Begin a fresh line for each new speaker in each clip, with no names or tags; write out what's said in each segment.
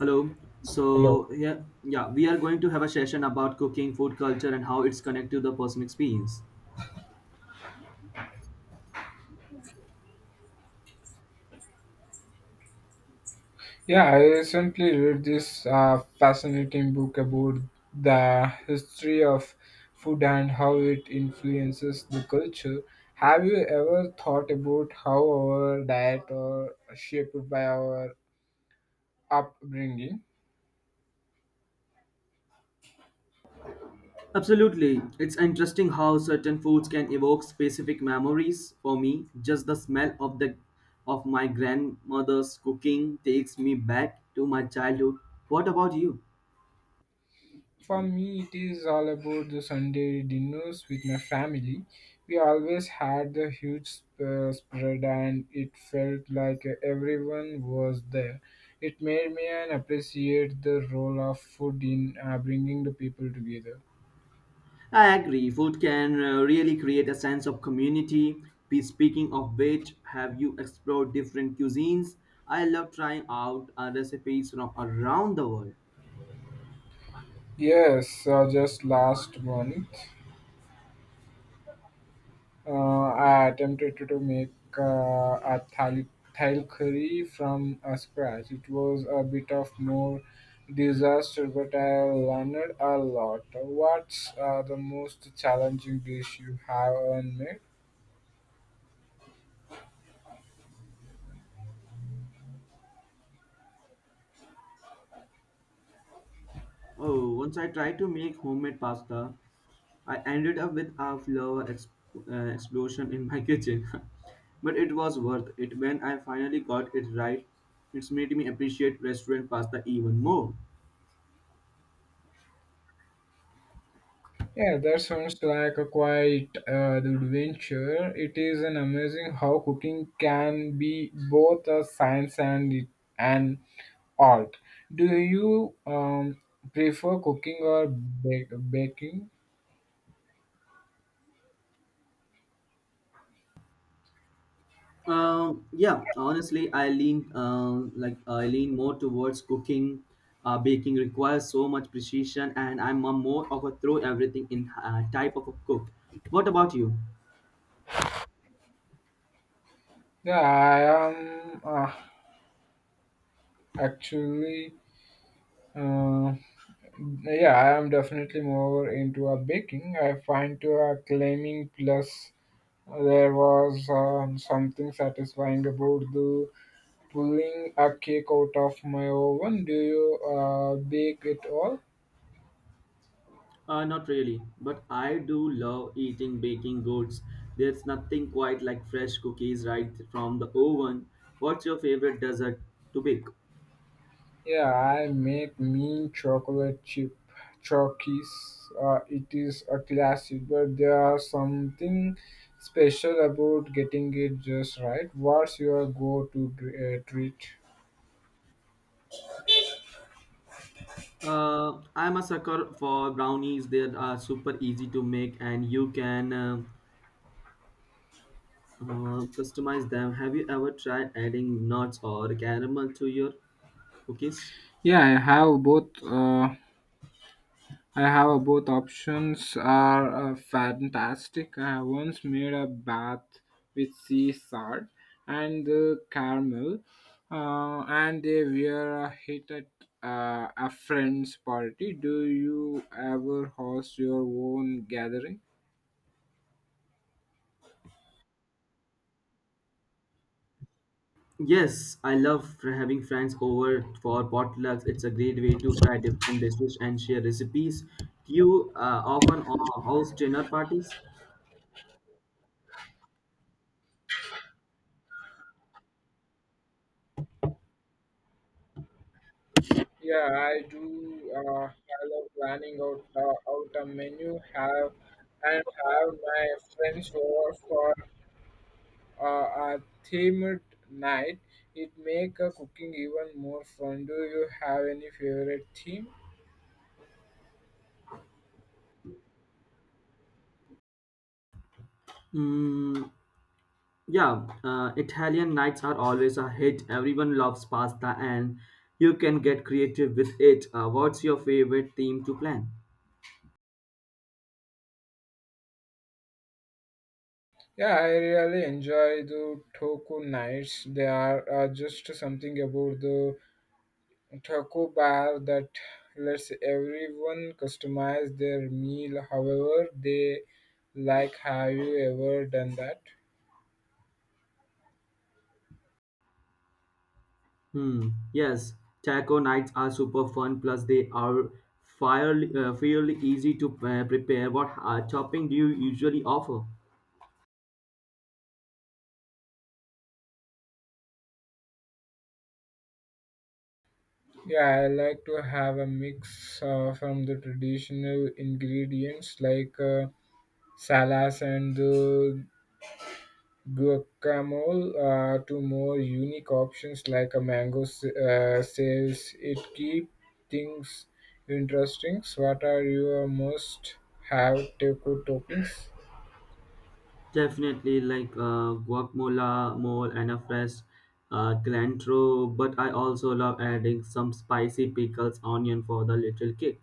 Hello.
Hello.
So yeah, yeah, we are going to have a session about cooking, food culture, and how it's connected to the personal experience.
Yeah, I recently read this fascinating book about the history of food and how it influences the culture. Have you ever thought about how our diet are shaped by our upbringing?
Absolutely, it's interesting how certain foods can evoke specific memories. For me, just the smell of the of my grandmother's cooking takes me back to my childhood. What about you?
For me, it is all about the Sunday dinners with my family. We always had the huge spread, and it felt like everyone was there. It made me an appreciate the role of food in bringing the people together.
I agree. Food can really create a sense of community. Speaking of which, have you explored different cuisines? I love trying out recipes from around the world.
Yes, just last month. Uh, I attempted to make a thal, thal curry from scratch. It was a bit of more disaster, but I learned a lot. What's the most challenging dish you have ever made?
Oh, once I tried to make homemade pasta, I ended up with a flour explosion in my kitchen, but it was worth it when I finally got it right. It's made me appreciate restaurant pasta even more.
Yeah, that sounds like a quite adventure. It is an amazing how cooking can be both a science and an art. Do you prefer cooking or baking?
Yeah, honestly, I lean more towards cooking. Baking requires so much precision, and I'm a more of a throw everything in type of a cook. What about you?
Yeah, I am actually. Uh, yeah, I am definitely more into a baking. I find to a claiming plus there was something satisfying about the pulling a cake out of my oven. Do you bake it all?
Not really, but I do love eating baking goods. There's nothing quite like fresh cookies right from the oven. What's your favorite dessert to bake?
Yeah, I make mean chocolate chip cookies. It is a classic, but there are something special about getting it just right. What's your go-to treat?
I'm a sucker for brownies. They are super easy to make and you can customize them. Have you ever tried adding nuts or caramel to your cookies?
Yeah, I have both. I have both options are fantastic. I have once made a bath with sea salt and the caramel, and they were a hit at a friend's party. Do you ever host your own gathering?
Yes, I love for having friends over for potlucks. It's a great way to try different dishes and share recipes. Do you often host dinner parties?
Yeah, I do. I love planning out out a menu have and have my friends over for a themed night, it make a cooking even more fun. Do you have any favorite theme?
Mm, yeah, Italian nights are always a hit. Everyone loves pasta and you can get creative with it. What's your favorite theme to plan?
Yeah, I really enjoy the taco nights. They are just something about the taco bar that lets everyone customize their meal however they like. Have you ever done that?
Hmm, yes, taco nights are super fun, plus they are fairly easy to prepare. What topping do you usually offer?
Yeah, I like to have a mix from the traditional ingredients like salas and the guacamole to more unique options like a mango says it keep things interesting. What are your most have taco toppings?
Definitely like guacamole, mole, and a fresh cilantro. But I also love adding some spicy pickles, onion for the little kick.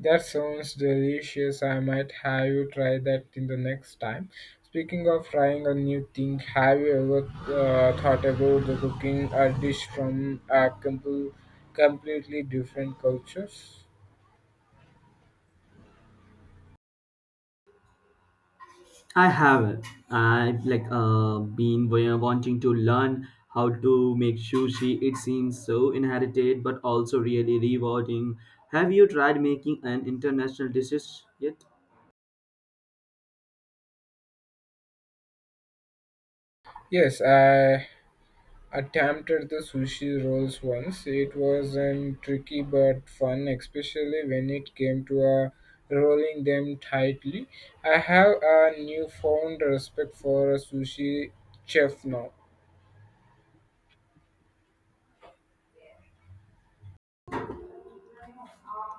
That sounds delicious. I might have you try that in the next time. Speaking of trying a new thing, have you ever thought about the cooking a dish from a completely different cultures?
I have it. I've wanting to learn how to make sushi. It seems so inherited, but also really rewarding. Have you tried making an international dishes yet?
Yes, I attempted the sushi rolls once. It was an tricky but fun, especially when it came to rolling them tightly. I have a newfound respect for a sushi chef now.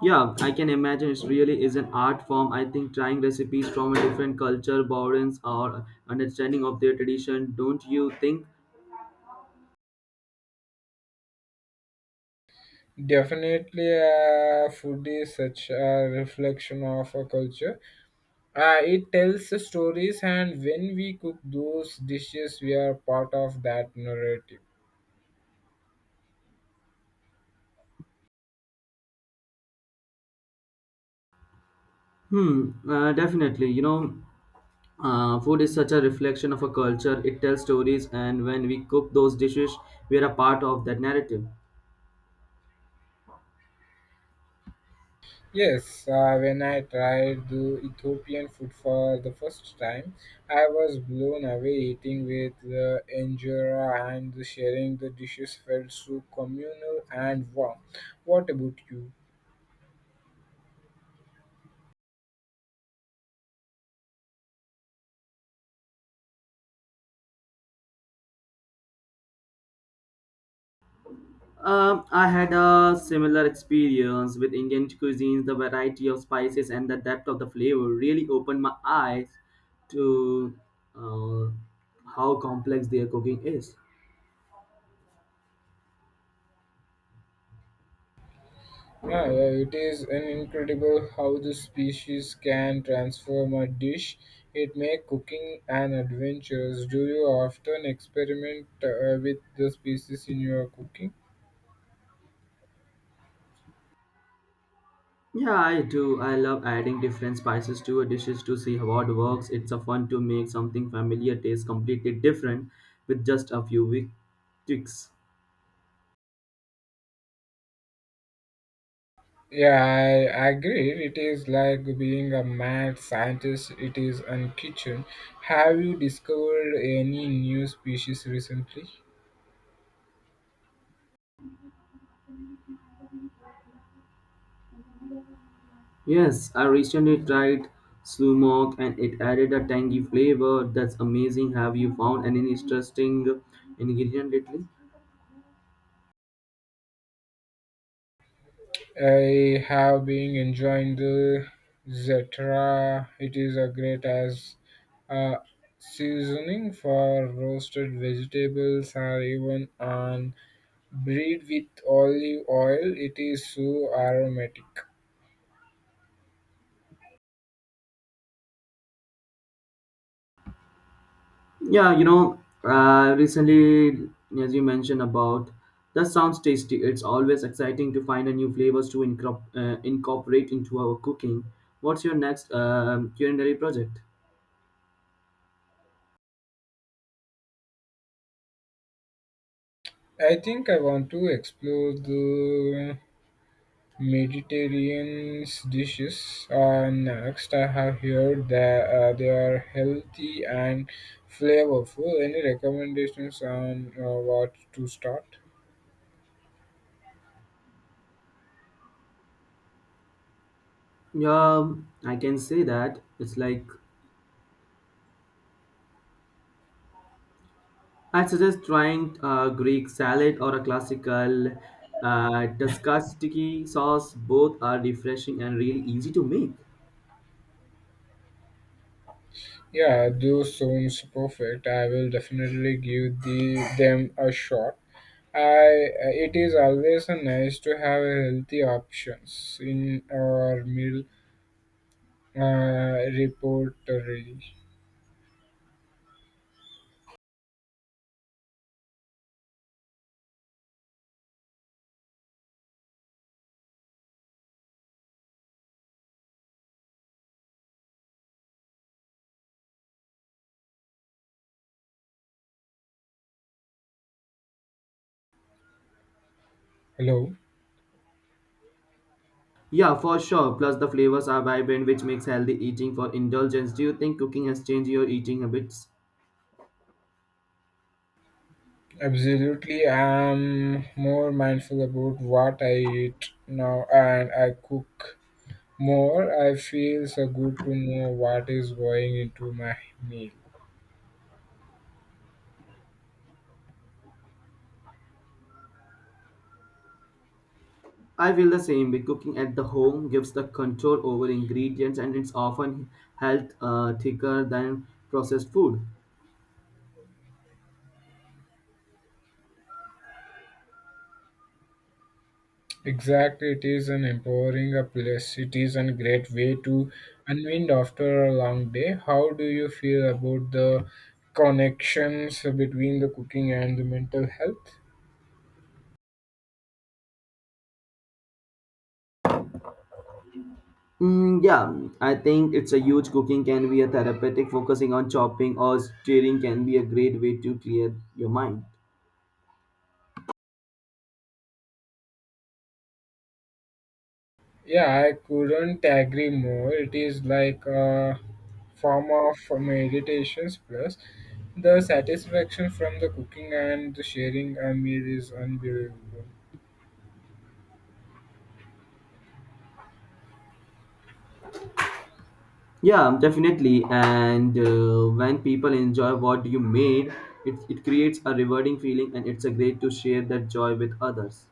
Yeah, I can imagine it really is an art form. I think trying recipes from a different culture, borders, or understanding of their tradition, don't you think?
Definitely, food is such a reflection of a culture. It tells the stories, and when we cook those dishes, we are part of that narrative.
Hmm, definitely. You know, food is such a reflection of a culture, it tells stories, and when we cook those dishes, we are a part of that narrative.
Yes, when I tried the Ethiopian food for the first time, I was blown away eating with the injera and the sharing the dishes felt so communal and warm. What about you?
I had a similar experience with Indian cuisines. The variety of spices and the depth of the flavor really opened my eyes to uh, how complex their cooking is.
Ah, yeah, it is an incredible how the species can transform a dish. It make cooking an adventure. Do you often experiment with the species in your cooking?
Yeah, I do. I love adding different spices to a dishes to see how it works. It's a fun to make something familiar taste completely different with just a few tweaks.
Yeah, I agree. It is like being a mad scientist. It is an kitchen. Have you discovered any new species recently?
Yes, I recently tried Slumok and it added a tangy flavor. That's amazing. Have you found any interesting ingredient lately?
I have been enjoying the Zetra. It is a great as a seasoning for roasted vegetables or even on bread with olive oil. It is so aromatic.
Yeah, you know, recently, as you mentioned about, that sounds tasty. It's always exciting to find a new flavors to incorporate into our cooking. What's your next culinary project?
I think I want to explore the Mediterranean dishes are next. I have heard that they are healthy and flavorful. Any recommendations on what to start?
Yeah, I can say that it's like I suggest trying a Greek salad or a classical Tuscatiki sauce. Both are refreshing and really easy to make.
Yeah, those sounds perfect. I will definitely give them a shot. I it is always nice to have healthy options in our meal repertory. Hello.
Yeah, for sure. Plus, the flavors are vibrant, which makes healthy eating for indulgence. Do you think cooking has changed your eating habits?
Absolutely, I'm more mindful about what I eat now and I cook more. I feel so good to know what is going into my meal.
I feel the same. With cooking at the home gives the control over ingredients, and it's often health thicker than processed food.
Exactly, it is an empowering a place. It is a great way to unwind after a long day. How do you feel about the connections between the cooking and the mental health?
Mm, yeah, I think it's a huge cooking can be a therapeutic. Focusing on chopping or stirring can be a great way to clear your mind.
Yeah, I couldn't agree more. It is like a form of meditations plus the satisfaction from the cooking and the sharing a meal is unbelievable.
Yeah, definitely. And when people enjoy what you made, it creates a rewarding feeling and it's a great to share that joy with others.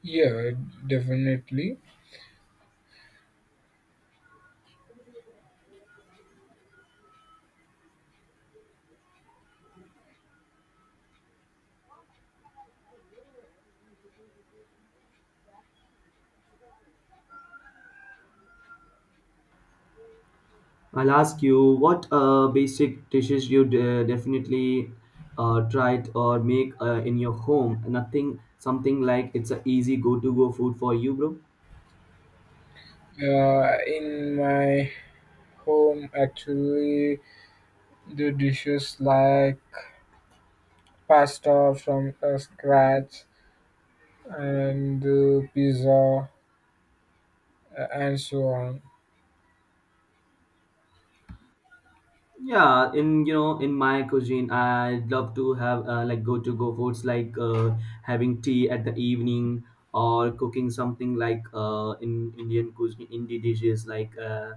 Yeah, definitely.
I'll ask you what basic dishes you definitely tried or make in your home. Nothing, something like it's a easy go to go food for you, bro.
In my home, actually, the dishes like pasta from scratch and pizza and so on.
Yeah, in my cuisine, I love to have like go to go foods like having tea at the evening or cooking something like in Indian cuisine, Indian dishes like uh,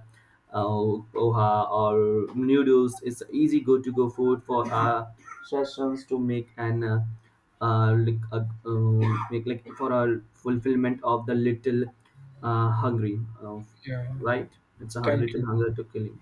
uh, poha or noodles. It's easy go to go food for sessions to make and make like for a fulfillment of the little hungry,
Yeah,
right? It's a
thank
little
you.
hunger to killing.